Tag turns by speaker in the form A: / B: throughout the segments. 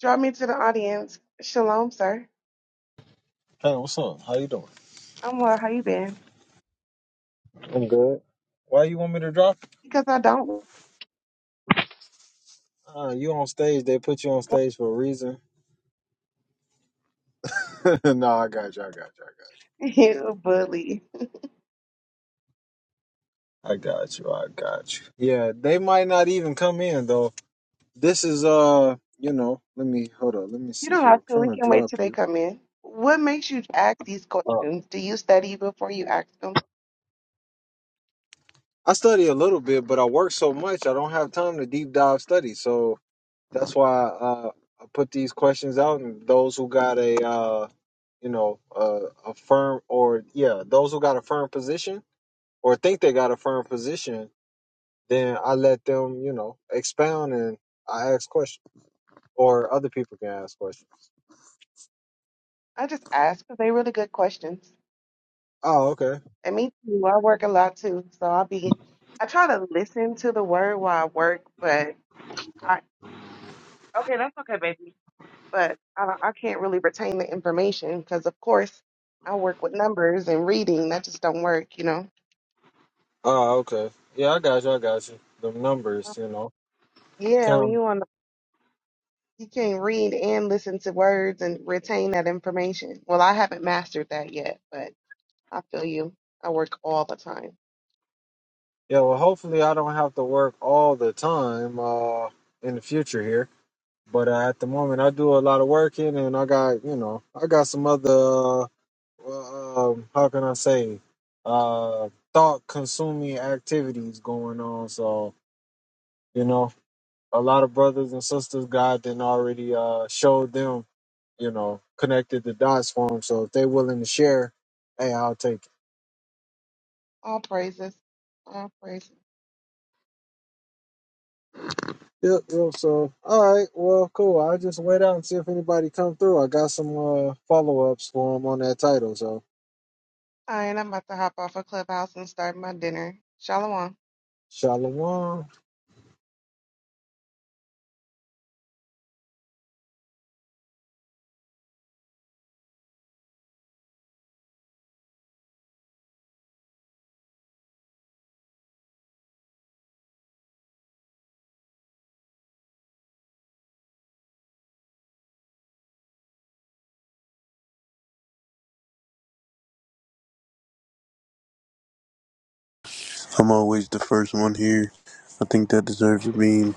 A: Draw me to the audience. Shalom, sir. I'm well. How you been? Because I don't. You bully. You don't have to. We can wait till they come in. What makes you ask these questions? Do you study before you ask them? I just ask because they really good questions. And me too. I work a lot too, so I'll be. I try to listen to the word while I work, but I okay, that's okay, baby. But I don't- I can't really retain the information because, of course, I work with numbers and reading. That just don't work, you know. Yeah, when you want to, you can read and listen to words and retain that information. Well, I haven't mastered that yet, but I feel you. I work all the time. All praises. All praises. All right, I'm about to hop off a clubhouse and start my dinner. Shalom.
B: I'm always the first one here. I think that deserves a meme.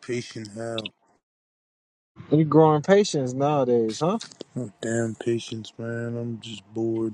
B: Patient hell. Oh, damn patience, man. I'm just bored.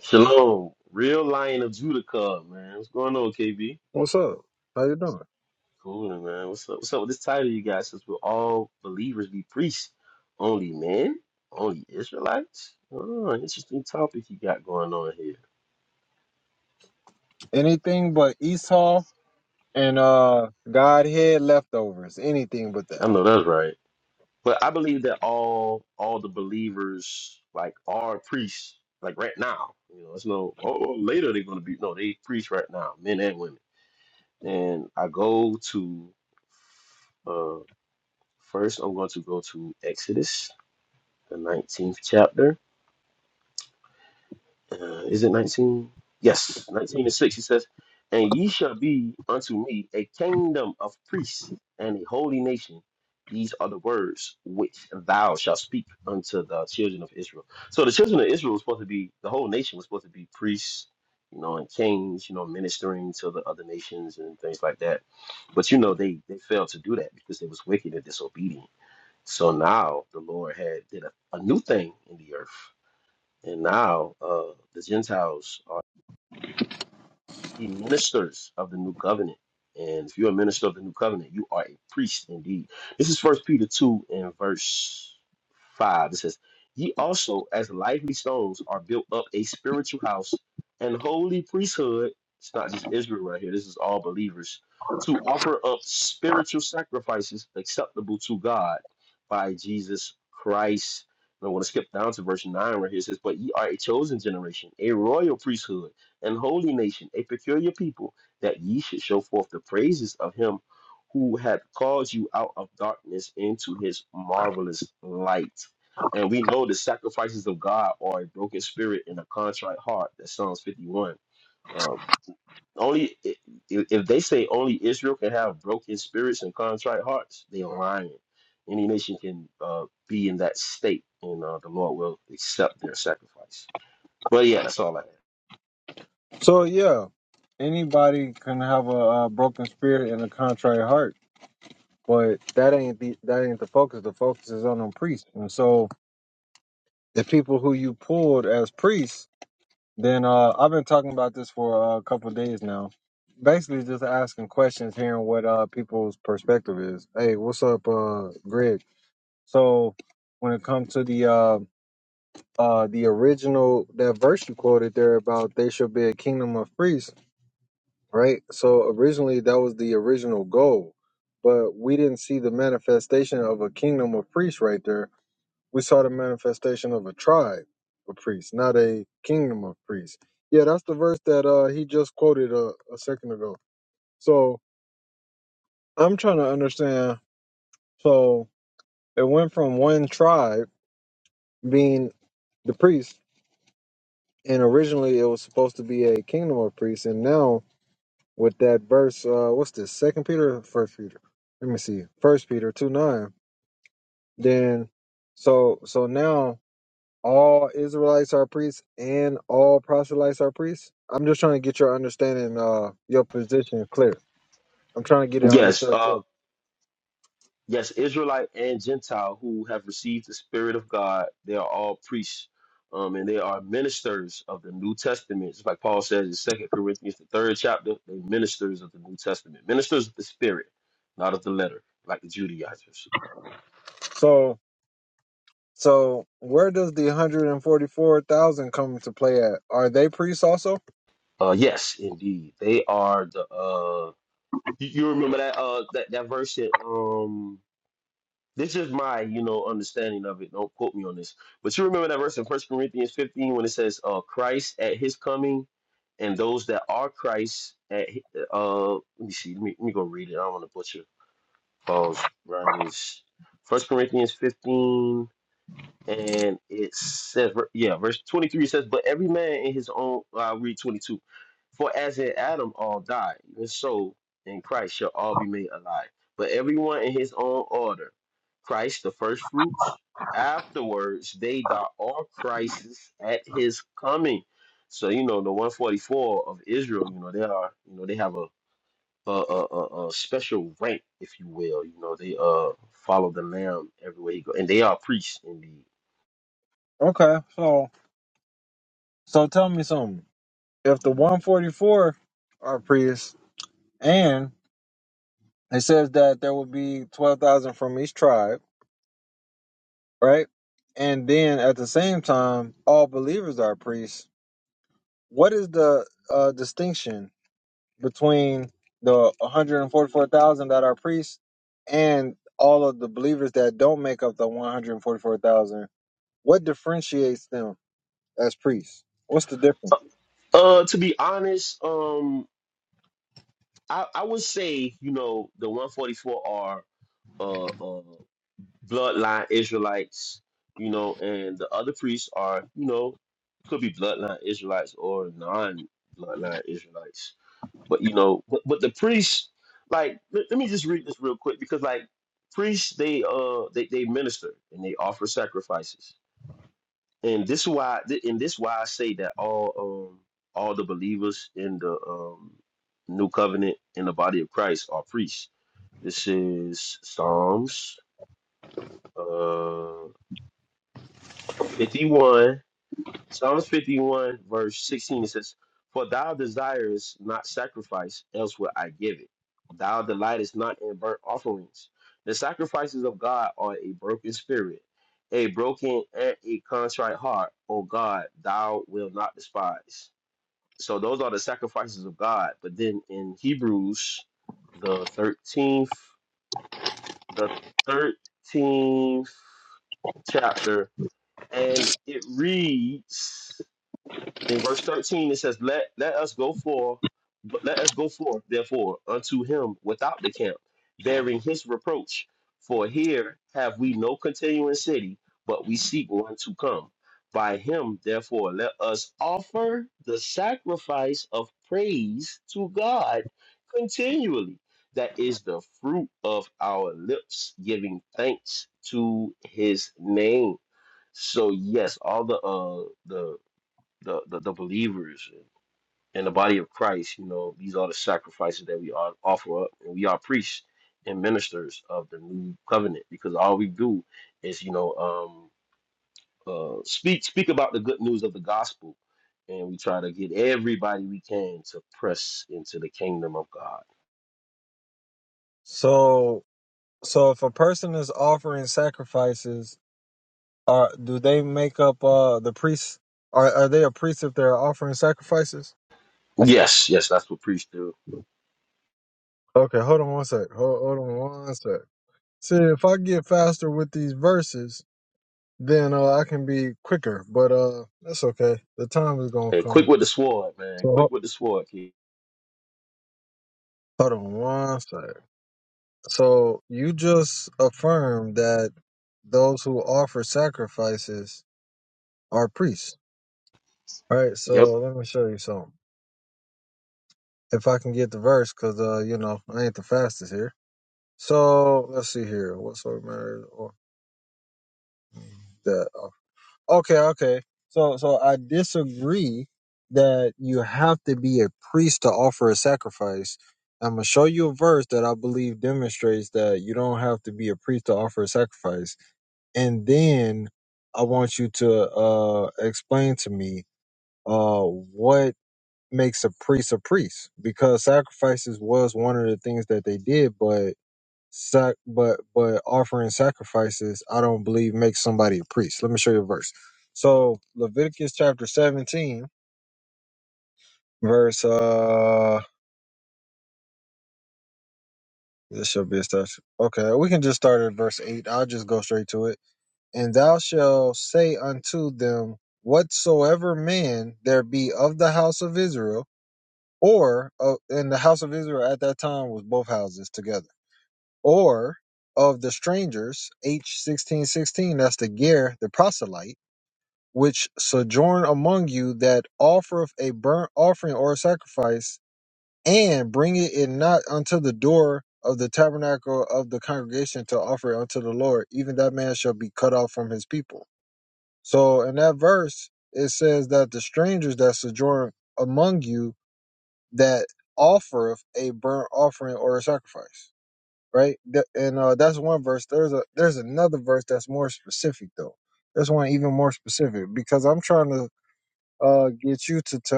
C: Shalom, real lion of Judah cub, man. What's going on, KB? Cool, man. What's up? What's up with this title you got? Since we're all believers, be priests. Only men? Only Israelites? Oh, interesting topic you got going on here. I know that's right. But I believe that all all the believers like are priests, like right now. You know, it's no oh oh, later they're gonna be no, they priests right now, men and women. And I go to uh first I'm going to go to Exodus the 19th chapter. Uh, is it 19? Yes, 19 and 6. He says, And ye shall be unto me a kingdom of priests and a holy nation. These are the words which thou shalt speak unto the children of Israel. So the children of Israel was supposed to be, the whole nation was supposed to be priests, you know, and kings, you know, ministering to the other nations and things like that. But you know, they they failed to do that because they was wicked and disobedient. So now the Lord had did a, a new thing in the earth. And now uh, the Gentiles are be ministers of the new covenant. And if you're a minister of the new covenant, you are a priest indeed. This is First Peter 2 and verse 5. It says, Ye also, as lively stones, are built up a spiritual house and holy priesthood. It's not just Israel right here, this is all believers. To offer up spiritual sacrifices acceptable to God by Jesus Christ. And I want to skip down to verse 9 right here. It says, But ye are a chosen generation, a royal priesthood an holy nation, a peculiar people, that ye should show forth the praises of him who hath called you out of darkness into his marvelous light. And we know the sacrifices of God are a broken spirit and a contrite heart. That's Psalms 51. Um, only i- i- if they say only Israel can have broken spirits and contrite hearts, they are lying. Any nation can uh, be in that state, and uh, the Lord will accept their sacrifice. But yeah, that's all I have. Yes, uh, Yes, Israelite and Gentile who have received the Spirit of God, they are all priests, um, and they are ministers of the New Testament. It's like Paul says in Second Corinthians, the third chapter, they ministers of the New Testament, ministers of the Spirit, not of the letter, like the Judaizers. Uh, yes, indeed, they are the. Uh, you, you remember that uh that that verse in um This is my, you know, understanding of it. Don't quote me on this. But you remember that verse in First Corinthians 15 when it says, uh, Christ at his coming and those that are Christ at hi- uh let me see, let me, let me go read it. I don't want to butcher Paul's writings. First Corinthians 15 and it says, yeah, verse 23 says, But every man in his own, i read 22. For as in Adam all die, even so in Christ shall all be made alive. But everyone in his own order Christ the first fruits, afterwards they that are Christ's at his coming. So, you know, the 144 of Israel, you know, they are, you know, they have a a, a, a, a special rank, if you will. You know, they uh follow the Lamb everywhere he go, and they are priests indeed Uh, to be honest, um, I, I would say you know the 144 are uh, uh bloodline Israelites, you know, and the other priests are you know could be bloodline Israelites or non-bloodline Israelites. But you know, but, but the priests, like, let, let me just read this real quick because like priests, they uh they they minister and they offer sacrifices and this is why th- and this why I say that all um all the believers in the um new covenant in the body of Christ are priests. This is Psalms uh 51 Psalms 51, verse 16, it says, For thou desirest not sacrifice, else would I give it. Thou delightest not in burnt offerings. The sacrifices of God are a broken spirit, a broken and a contrite heart, O God, thou wilt not despise. So those are the sacrifices of God. But then in Hebrews, the 13th, the 13th chapter, and it reads, in verse 13 it says let let us go forth but let us go forth therefore unto him without the camp bearing his reproach for here have we no continuing city but we seek one to come by him therefore let us offer the sacrifice of praise to god continually that is the fruit of our lips giving thanks to his name so yes all the uh the the, the, the believers in the body of Christ, you know, these are the sacrifices that we are, offer up, and we are priests and ministers of the new covenant because all we do is, you know, um, uh, speak speak about the good news of the gospel, and we try to get everybody we can to press into the kingdom of God. Yes, yes, that's what priests do. Hey, quick with the sword, man. Quick with the sword, kid. Yep.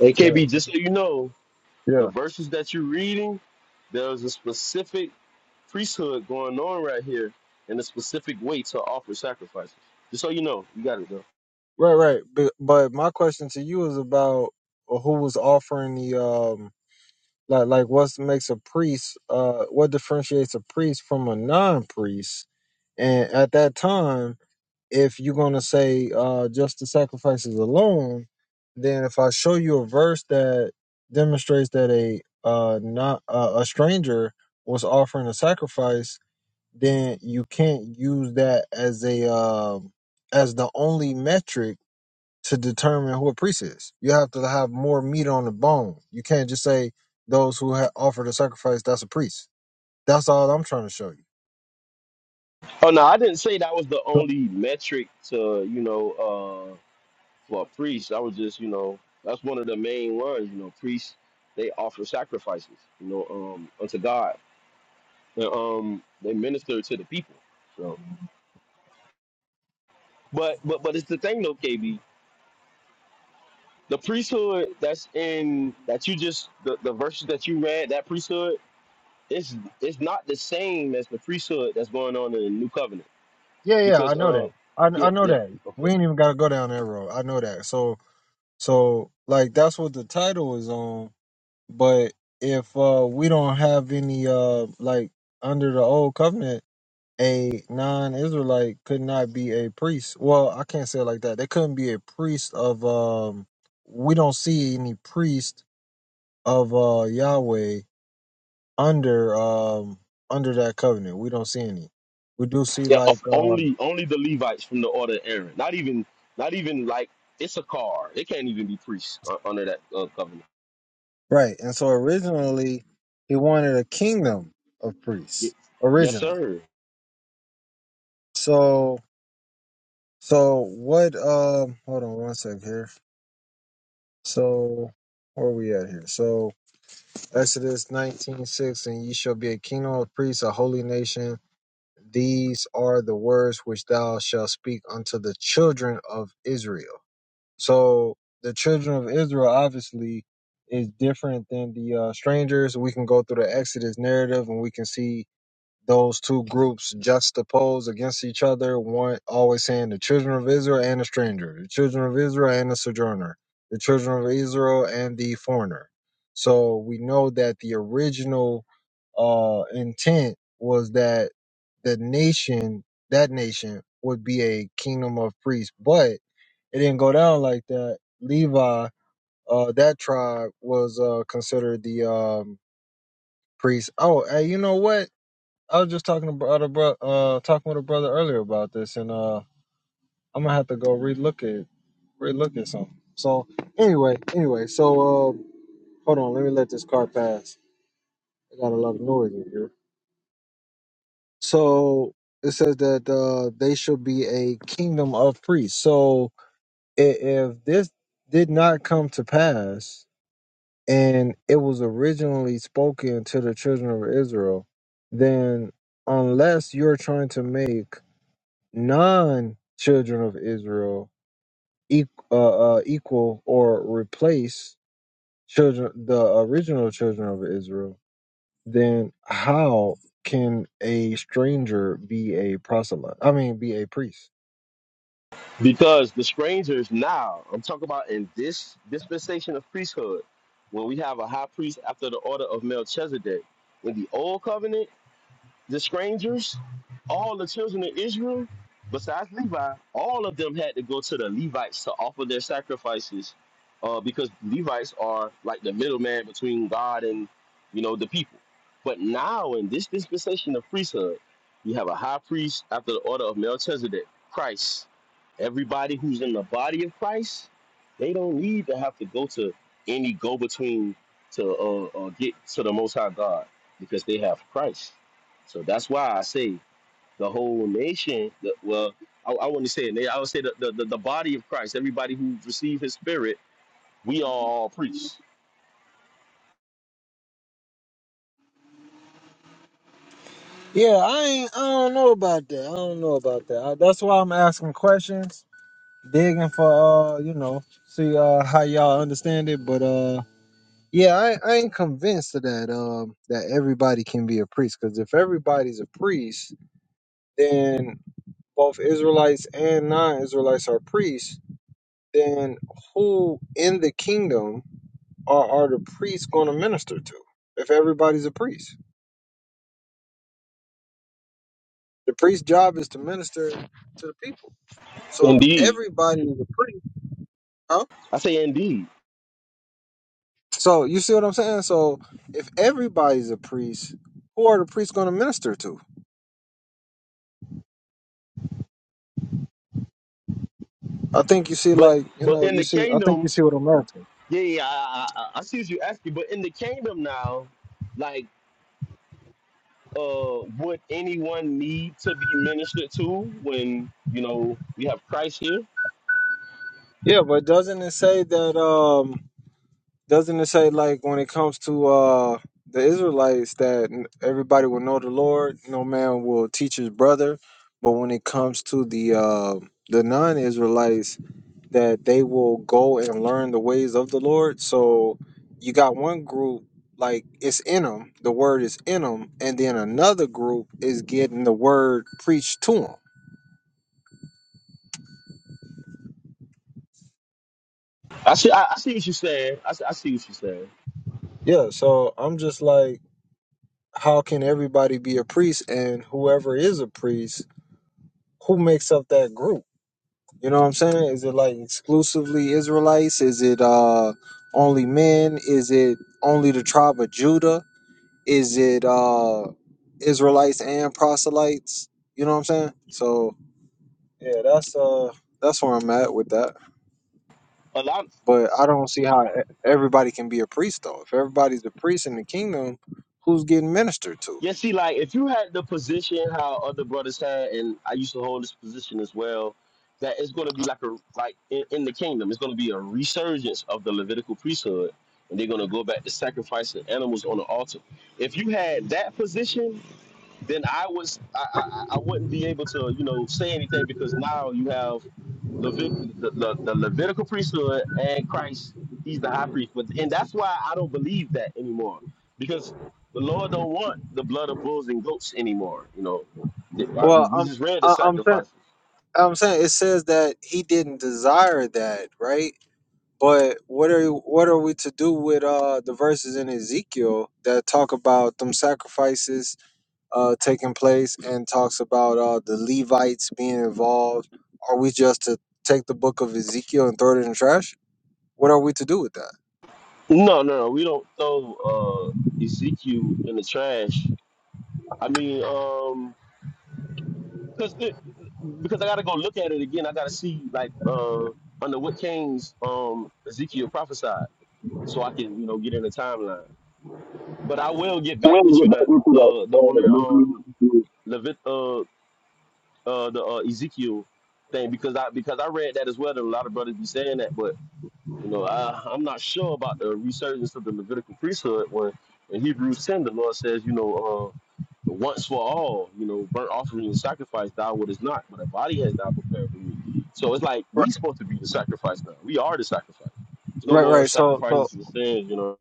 C: AKB, just so you know, The verses that you're reading, there's a specific priesthood going on right here and a specific way to offer sacrifices. Just so you know, you got it though. Oh no, I didn't say that was the only metric to you know uh, for a priest. I was just you know that's one of the main ones. You know, priests they offer sacrifices. You know, um, unto God. And, um, they minister to the people. So, but but but it's the thing though, KB. the priesthood that's in that you just the, the verses that you read that priesthood it's it's not the same as the priesthood that's going on in the new covenant because um yeah yeah okay yeah o- only only the levites from the order of aaron not even not even like it's a car it can't even be priests uh, under that uh, covenant Y- yes sir Because the strangers now, I'm talking about in this dispensation of priesthood, when we have a high priest after the order of Melchizedek. In the old covenant, the strangers, all the children of Israel, besides Levi, all of them had to go to the Levites to offer their sacrifices, uh, because Levites are like the middleman between God and you know the people. But now in this dispensation of priesthood, you have a high priest after the order of Melchizedek, Christ. Everybody who's in the body of Christ, they don't need to have to go to any go-between to uh, uh, get to the Most High God because they have Christ so that's why I say the whole nation. The, well, I, I wouldn't say it. na- I would say the, the, the, the body of Christ. Everybody who received His Spirit, we are all priests. Indeed, I say indeed. But but in the kingdom, yeah, yeah I, I, I I see what you're asking. But in the kingdom now, like, uh, would anyone need to be ministered to when you know we have Christ here? I see. I, I see what you're saying. I, see- I see what you're saying. Yeah, see, like if you had the position how other brothers had, and I used to hold this position as well, that it's going to be like a like in, in the kingdom, it's going to be a resurgence of the Levitical priesthood, and they're going to go back to sacrificing animals on the altar. If you had that position, then I was I, I I wouldn't be able to you know say anything because now you have Levit the, the, the Levitical priesthood and Christ he's the high priest but and that's why I don't believe that anymore because the Lord don't want the blood of bulls and goats anymore you know The- uh, we we just read the sacrifices no no no we don't throw uh, Ezekiel in the trash I mean um because because I gotta go look at it again. I gotta see like uh under what kings um Ezekiel prophesied, so I can you know get in the timeline. But I will get back with you that uh the on
D: uh,
C: that um Levit uh uh the uh, Ezekiel thing because I because I read that as well. That a lot of brothers be saying that, but you know, I, I'm not sure about the resurgence of the Levitical priesthood when in Hebrews 10, the Lord says, you know, uh, once for all, you know, burnt offering and sacrifice, thou wouldest not, but a body has thou prepared for me. So it's like we supposed to be the sacrifice now. We are the sacrifice. There's no more sacrifices for sins, you know.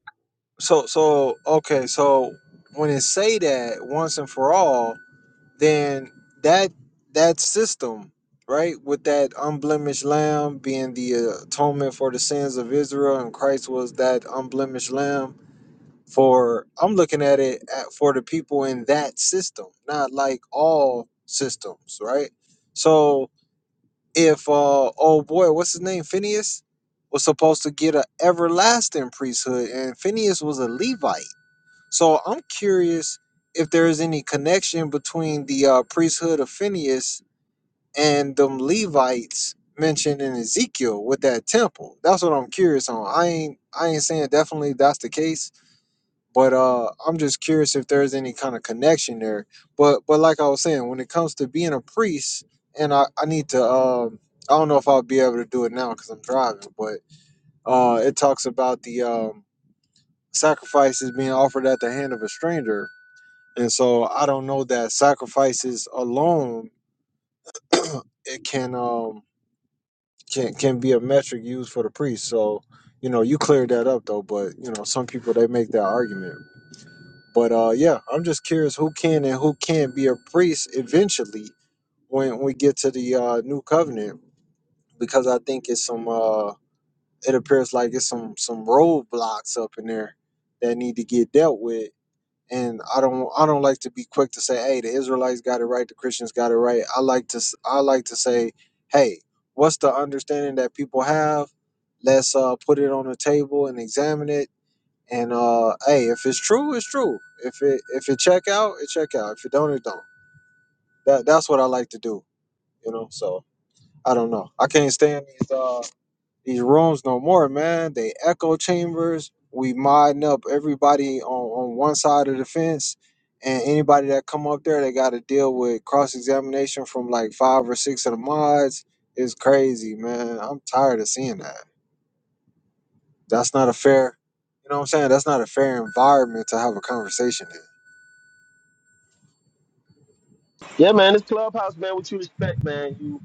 C: Yeah, man, this clubhouse, man, what you expect, man. You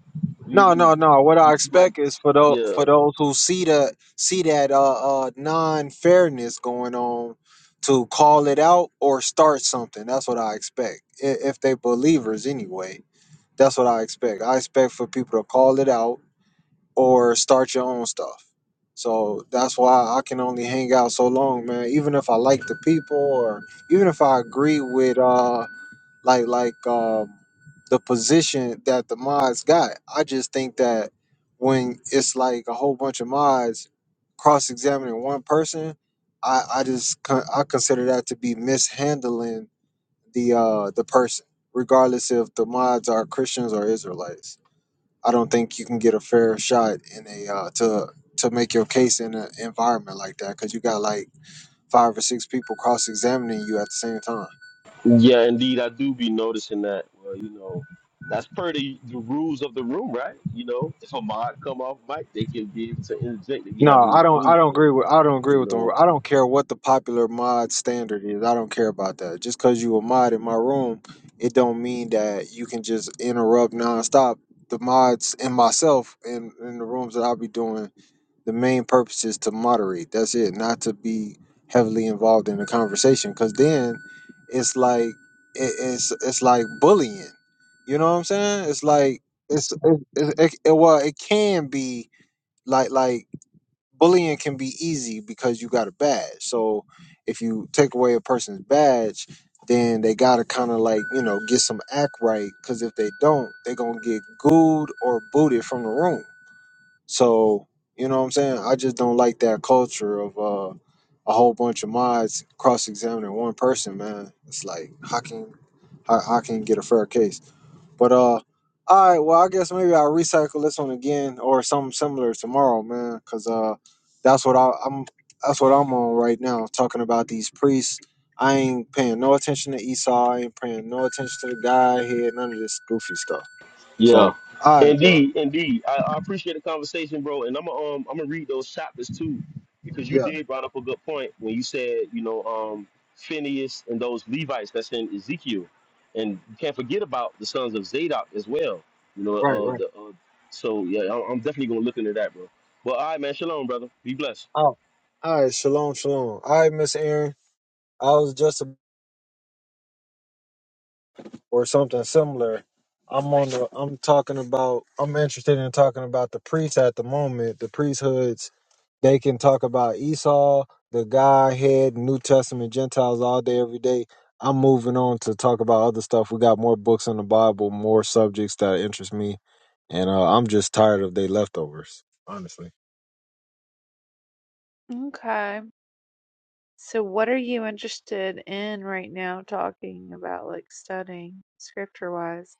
C: you you, you, you might yeah. Yeah, indeed, I do be noticing that. Well, you know, that's per the, the rules of the room, right? You know, if a mod come off mic, they can be able to interject that you having these rules, but you know. Yeah. Indeed, indeed. I, I appreciate the conversation, bro. And I'm gonna um I'm gonna read those chapters too, because you did brought up a good point when you said, you know, um Phineas and those Levites that's in Ezekiel. And you can't forget about the sons of Zadok as well. You know, uh the uh, so yeah, I'm, I'm definitely gonna look into that, bro. Well, all right, man, shalom, brother. Be blessed.
E: Okay. So what are you interested in right now talking about like studying scripture wise?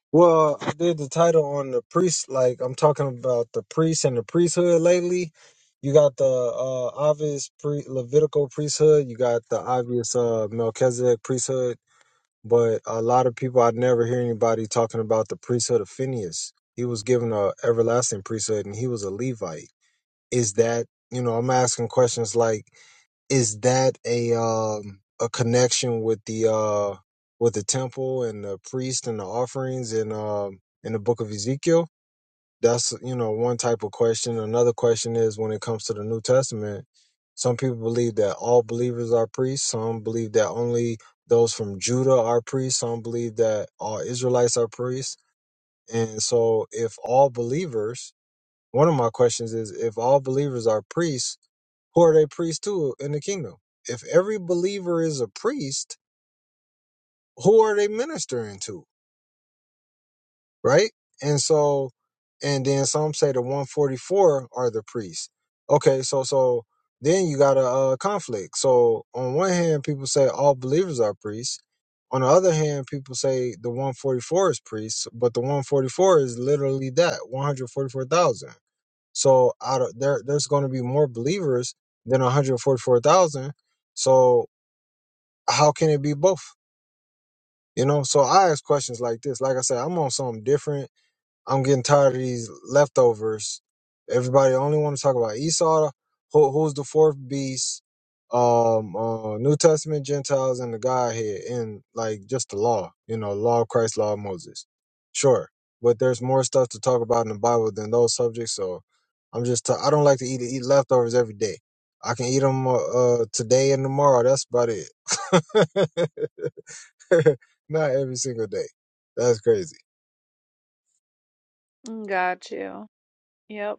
E: Got you. Yep.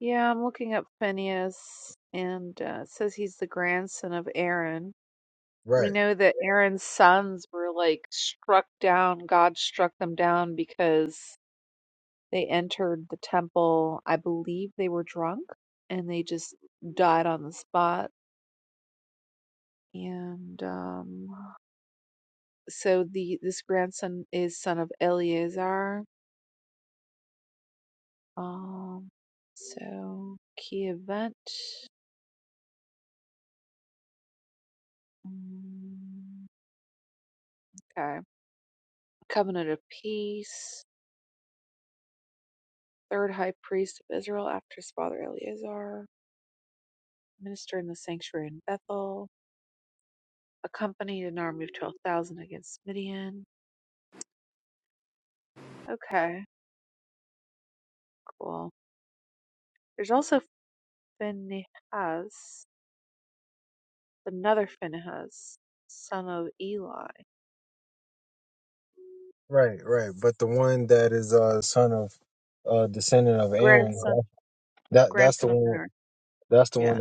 E: Yeah, I'm looking up Phineas and uh, it says he's the grandson of Aaron. We know that Aaron's sons were like struck down. God struck them down because they entered the temple. I believe they were drunk and they just died on the spot. And um so the this grandson is son of Eleazar. Um, so key event. Mm, Okay, covenant of peace. Third high priest of Israel after his father Eleazar. Minister in the sanctuary in Bethel. Accompanied an army of twelve thousand against Midian. Okay, cool. There's also Phinehas, another Phinehas, son of Eli, grandson grandson of Aaron. Yeah.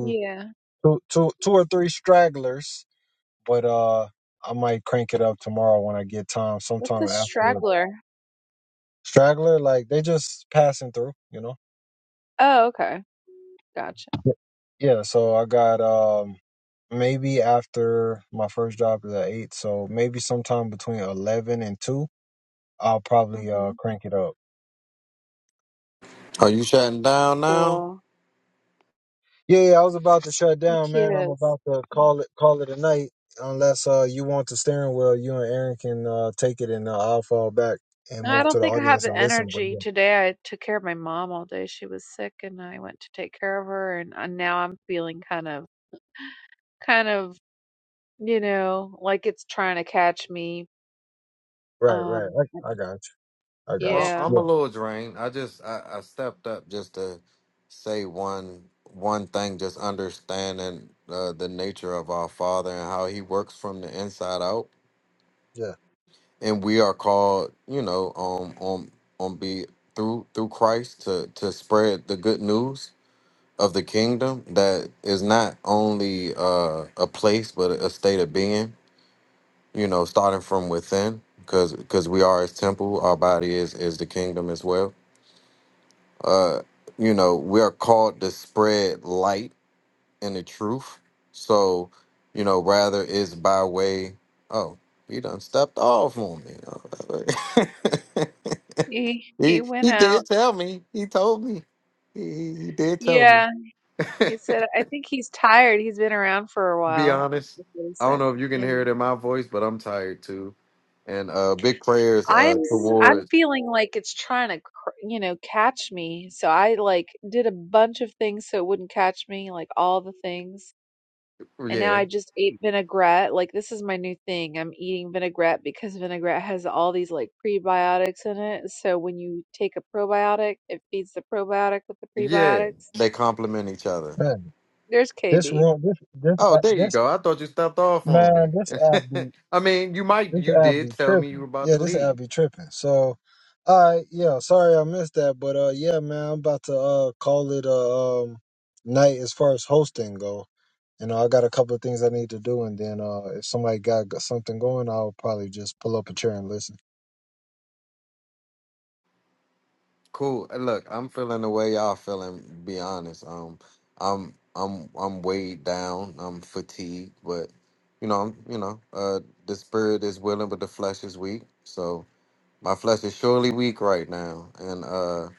E: Yeah. What's a straggler? Oh, okay. Gotcha. hmm
F: Are you shutting down now?
E: Cool. The kids. I don't think I have the energy today. I took care of my mom all day. She was sick and I went to take care of her and uh, now I'm feeling kind of kind of, you know, like it's trying to catch me. Um
F: Well,
E: yeah.
F: I'm a little drained. I just I, I stepped up just to say one one thing, just understanding uh, the nature of our Father and how He works from the inside out, and we are called, you know, um, on on be through through Christ to to spread the good news of the kingdom that is not only uh, a place but a state of being you know, starting from within, because because we are His temple. Our body is is the kingdom as well. Uh, you know, we are called to spread light and the truth. So, you know, rather is by way. Oh, he done stepped off on me.
E: He he
F: he
E: went
F: he
E: out.
F: did tell me. He told me. He he, he did tell me.
E: Yeah. He said I think he's tired. He's been around for a
F: Be
E: while.
F: honest.
E: That's what he
F: I don't
E: said.
F: know if you can
E: Yeah.
F: hear it in my voice, but I'm tired too. And uh, big prayers
E: I'm
F: uh
E: s- I'm
F: towards
E: feeling like it's trying to, cr- you know, catch me. So I like did a bunch of things so it wouldn't catch me, like all the things. And now
F: yeah
E: I just ate vinaigrette. Like this is my new thing. I'm eating vinaigrette because vinaigrette has all these like prebiotics in it. So when you take a probiotic, it feeds the probiotic with the
F: Yeah,
E: prebiotics.
F: they complement each other.
E: There's KB.
F: Oh, there you go. I thought you stepped off on me. I mean, you might, you did tell me you were about to leave. Cool. Uh, Look, I'm feeling the way y'all feeling. Be honest. Um, I'm, I'm, I'm weighed down. I'm fatigued, but you know, I'm, you know, uh, the spirit is willing, but the flesh is weak. So, My flesh is surely weak right now, and uh,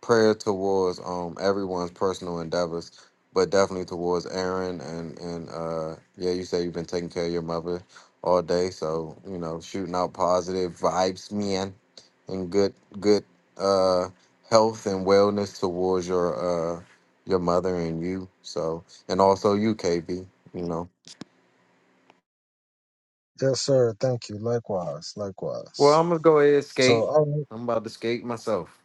F: prayer towards um everyone's personal endeavors, but definitely towards Aaron and and uh yeah, you say you've been taking care of your mother all day, so you know shooting out positive vibes, man, and good good uh health and wellness towards your uh your mother and you. So and also you, KB. You know. Well, I'm gonna go ahead and skate. I'm about to skate myself.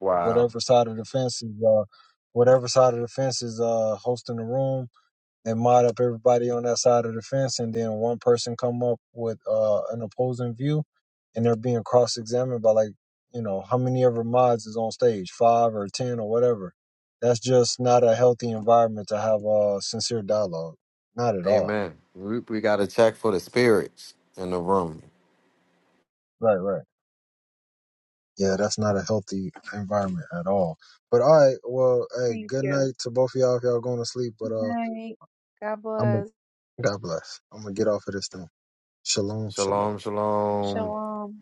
F: Wow. Amen. We, we got to check for the spirits in the room.
E: Thank you. Good night. God bless.
F: Shalom, shalom.
E: Shalom.